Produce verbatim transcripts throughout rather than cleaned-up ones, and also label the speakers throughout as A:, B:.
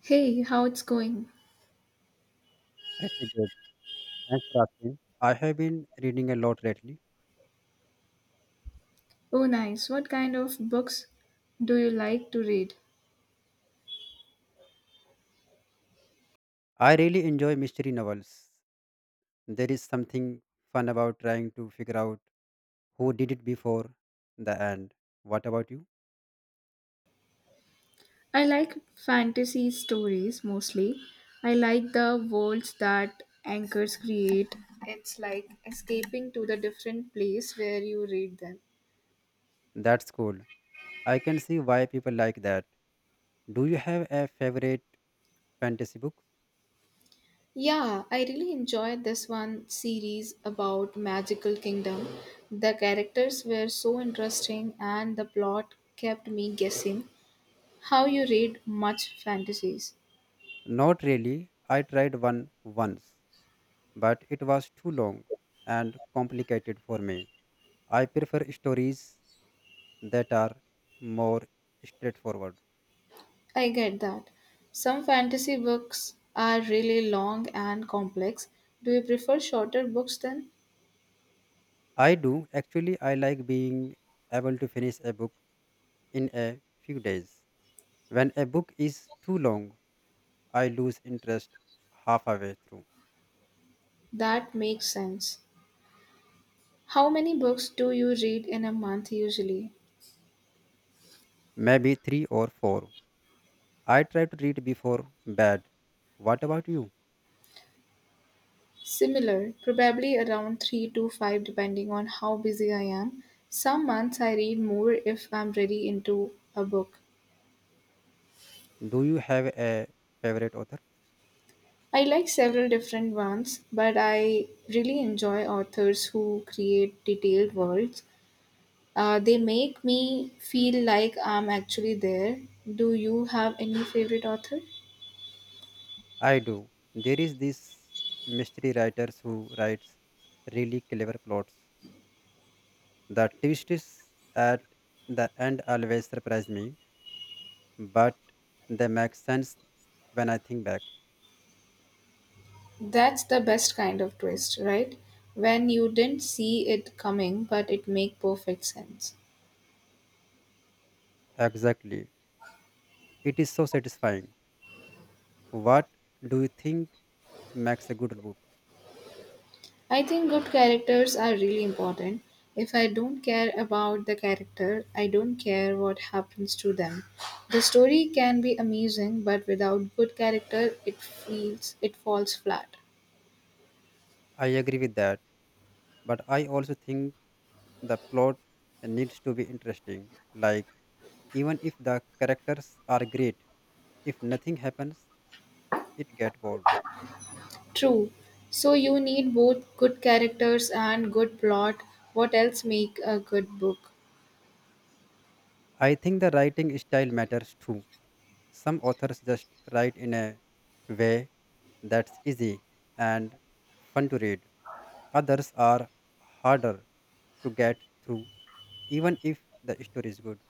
A: Hey, how it's going?
B: Pretty good. Thanks for asking. I have been reading a lot lately.
A: Oh, nice. What kind of books do you like to read?
B: I really enjoy mystery novels. There is something fun about trying to figure out who did it before the end. What about you?
A: I like fantasy stories mostly. I like the worlds that anchors create. It's like escaping to the different place where you read them.
B: That's cool. I can see why people like that. Do you have a favorite fantasy book?
A: Yeah, I really enjoyed this one series about Magical Kingdom. The characters were so interesting and the plot kept me guessing. How you read much fantasies?
B: Not really. I tried one once, but it was too long and complicated for me. I prefer stories that are more straightforward.
A: I get that. Some fantasy books are really long and complex. Do you prefer shorter books then?
B: I do actually I like being able to finish a book in a few days. When a book is too long, I lose interest halfway through,
A: That makes sense. How many books do you read in a month usually?
B: maybe three or four. I try to read before bed. What about you?
A: Similar, probably around three to five depending on how busy I am. Some months I read more if I'm really into a book.
B: Do you have a favorite author?
A: I like several different ones, but I really enjoy authors who create detailed worlds Uh, They make me feel like I'm actually there. Do you have any favorite author?
B: I do. There is this mystery writers who writes really clever plots. The twists at the end always surprise me, but they make sense when I think back.
A: That's the best kind of twist, right? When you didn't see it coming, but it make perfect sense.
B: Exactly. It is so satisfying. What do you think makes a good book?
A: I think good characters are really important. If I don't care about the character, I don't care what happens to them. The story can be amazing, but without good character, it feels it falls flat.
B: I agree with that, but I also think the plot needs to be interesting. Like even if the characters are great, if nothing happens, it get bored.
A: True. So you need both good characters and good plot. What else make a good book?
B: I think the writing style matters too. Some authors just write in a way that's easy and fun to read. Others are harder to get through, even if the story is good.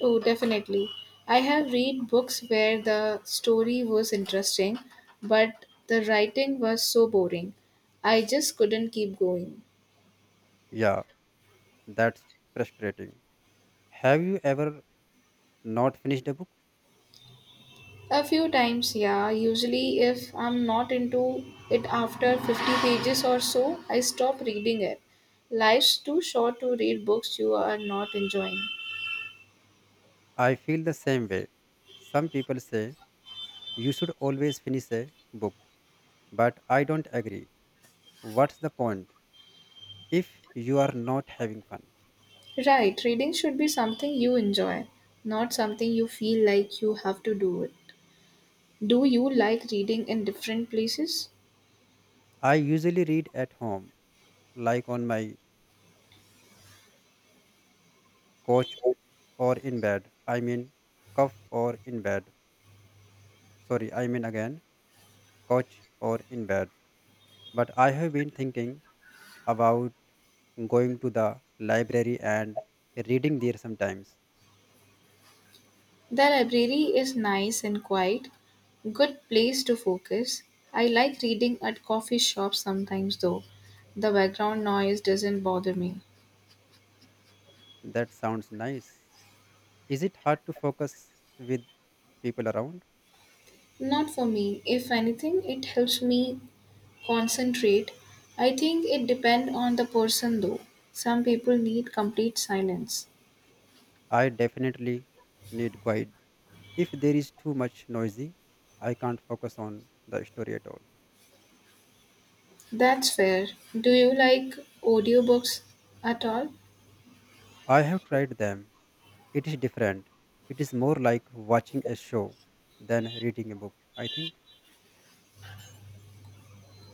A: Oh, definitely. I have read books where the story was interesting, but the writing was so boring. I just couldn't keep going.
B: Yeah, that's frustrating. Have you ever not finished a book?
A: A few times, yeah. Usually, if I'm not into it after fifty pages or so, I stop reading it. Life's too short to read books you are not enjoying.
B: I feel the same way. Some people say you should always finish a book, but I don't agree. What's the point if you are not having fun?
A: Right, reading should be something you enjoy, not something you feel like you have to do it. Do you like reading in different places?
B: I usually read at home like on my couch or in bed. I mean, cuff or in bed. Sorry, I mean again, couch or in bed. But I have been thinking about going to the library and reading there sometimes.
A: The library is nice and quiet, good place to focus. I like reading at coffee shops sometimes though. The background noise doesn't bother me.
B: That sounds nice. Is it hard to focus with people around?
A: Not for me. If anything, it helps me concentrate. I think it depends on the person though. Some people need complete silence.
B: I definitely need quiet. If there is too much noisy, I can't focus on the story at all.
A: That's fair. Do you like audiobooks at all?
B: I have tried them It is different. It is more like watching a show than reading a book. I think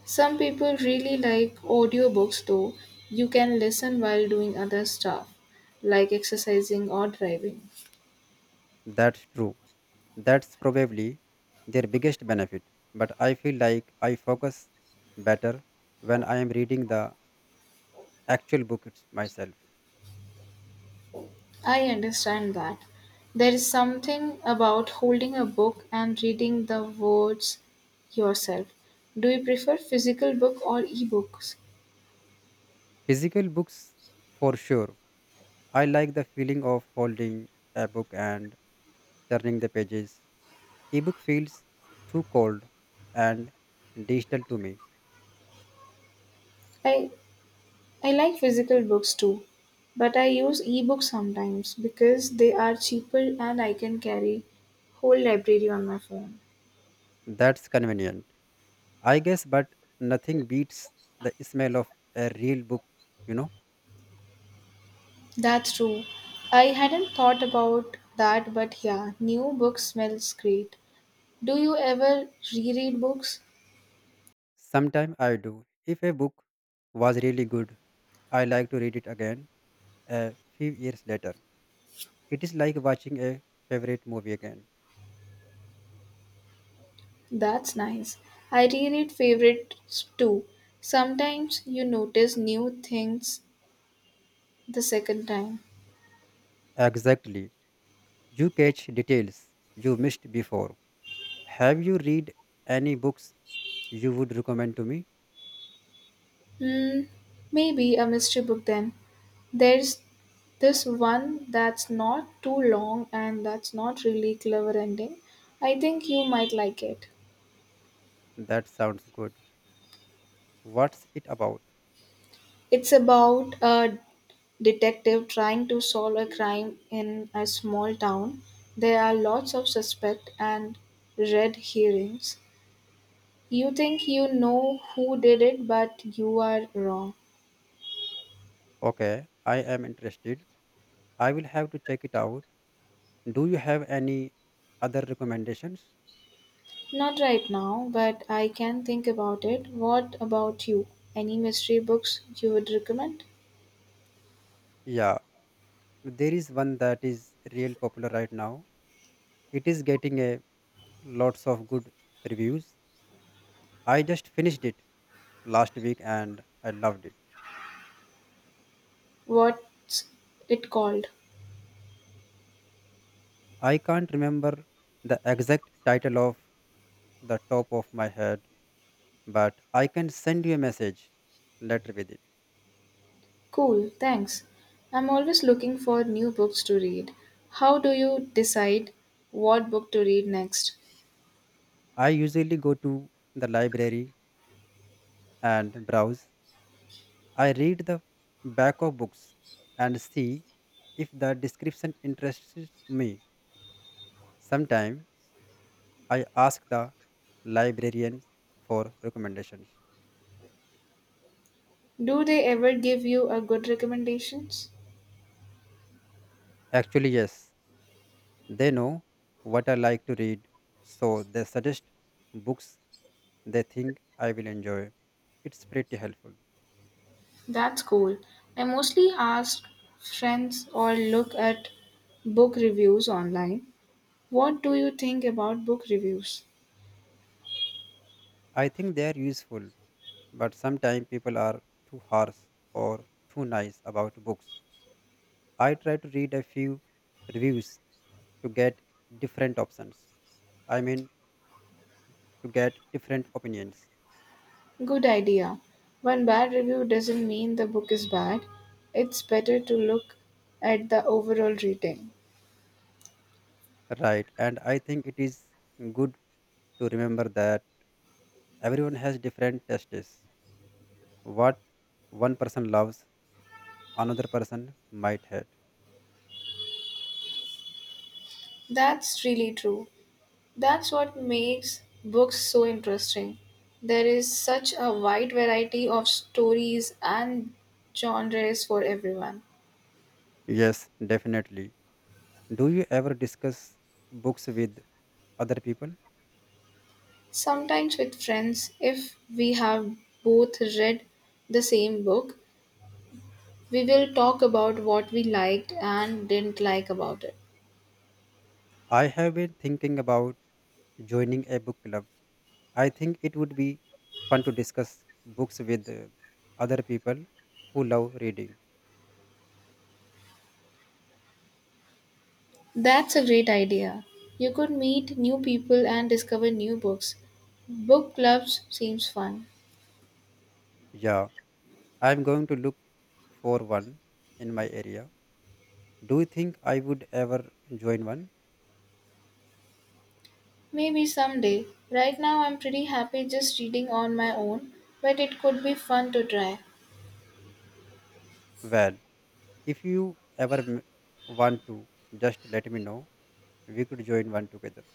A: Some people really like audiobooks though. You can listen while doing other stuff, like exercising or driving.
B: that's true. That's probably their biggest benefit. But I feel like I focus better when I am reading the actual book it's myself.
A: I understand that. There is something about holding a book and reading the words yourself. Do you prefer physical book or ebooks?
B: Physical books, for sure. I like the feeling of holding a book and turning the pages. Ebook feels too cold and digital to me.
A: I I like physical books too, but I use ebooks sometimes because they are cheaper and I can carry whole library on my phone.
B: That's convenient. I guess, but nothing beats the smell of a real book, you know.
A: That's true. I hadn't thought about that, but yeah, new book smells great. Do you ever reread books?
B: Sometime I do. If a book was really good, I like to read it again a few years later. It is like watching a favorite movie again.
A: That's nice. I reread favorites too. Sometimes you notice new things the second time.
B: Exactly. You catch details you missed before. Have you read any books you would recommend to me?
A: Hmm, maybe a mystery book then. There's this one that's not too long and that's not really clever ending. I think you might like it.
B: That sounds good. What's it about?
A: It's about a detective trying to solve a crime in a small town. There are lots of suspect and red herrings. You think you know who did it, but you are wrong.
B: Okay, I am interested. I will have to check it out. Do you have any other recommendations?
A: Not right now, but I can think about it. What about you? Any mystery books you would recommend?
B: Yeah, there is one that is real popular right now. It is getting a lots of good reviews. I just finished it last week and I loved it.
A: What's it called?
B: I can't remember the exact title of the top of my head, but I can send you a message later with it.
A: Cool, thanks. I'm always looking for new books to read. How do you decide what book to read next?
B: I usually go to the library and browse. I read the back of books and see if the description interests me. Sometimes I ask the librarians for recommendations.
A: Do they ever give you a good recommendations?
B: Actually, yes, they know what I like to read, so they suggest books they think I will enjoy. It's pretty helpful.
A: That's cool. I mostly ask friends or look at book reviews online. What do you think about book reviews?
B: I think they are useful, but sometimes people are too harsh or too nice about books. I try to read a few reviews to get different options. I mean, to get different opinions.
A: Good idea. One bad review doesn't mean the book is bad. It's better to look at the overall rating.
B: Right. And I think it is good to remember that everyone has different tastes. What one person loves, another person might hate.
A: That's really true. That's what makes books so interesting. There is such a wide variety of stories and genres for everyone.
B: Yes, definitely. Do you ever discuss books with other people?
A: Sometimes, with friends, if we have both read the same book, we will talk about what we liked and didn't like about it.
B: I have been thinking about joining a book club. I think it would be fun to discuss books with uh, other people who love reading.
A: That's a great idea. You could meet new people and discover new books. Book clubs seems fun.
B: Yeah, I'm going to look for one in my area. Do you think I would ever join one?
A: Maybe someday. Right now I'm pretty happy just reading on my own, but it could be fun to try.
B: Well, if you ever m- want to, just let me know. We could join one together.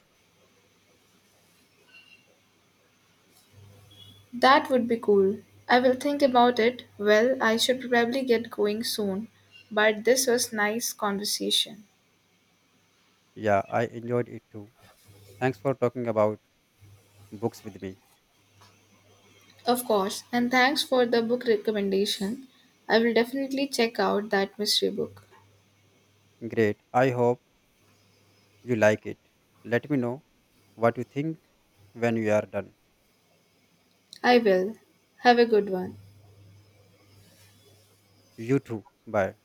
A: That would be cool. I will think about it. Well, I should probably get going soon, but this was nice conversation.
B: Yeah, I enjoyed it too. Thanks for talking about books with me.
A: Of course, and thanks for the book recommendation. I will definitely check out that mystery book.
B: Great. I hope you like it. Let me know what you think when you are done.
A: I will. Have a good one.
B: You too. Bye.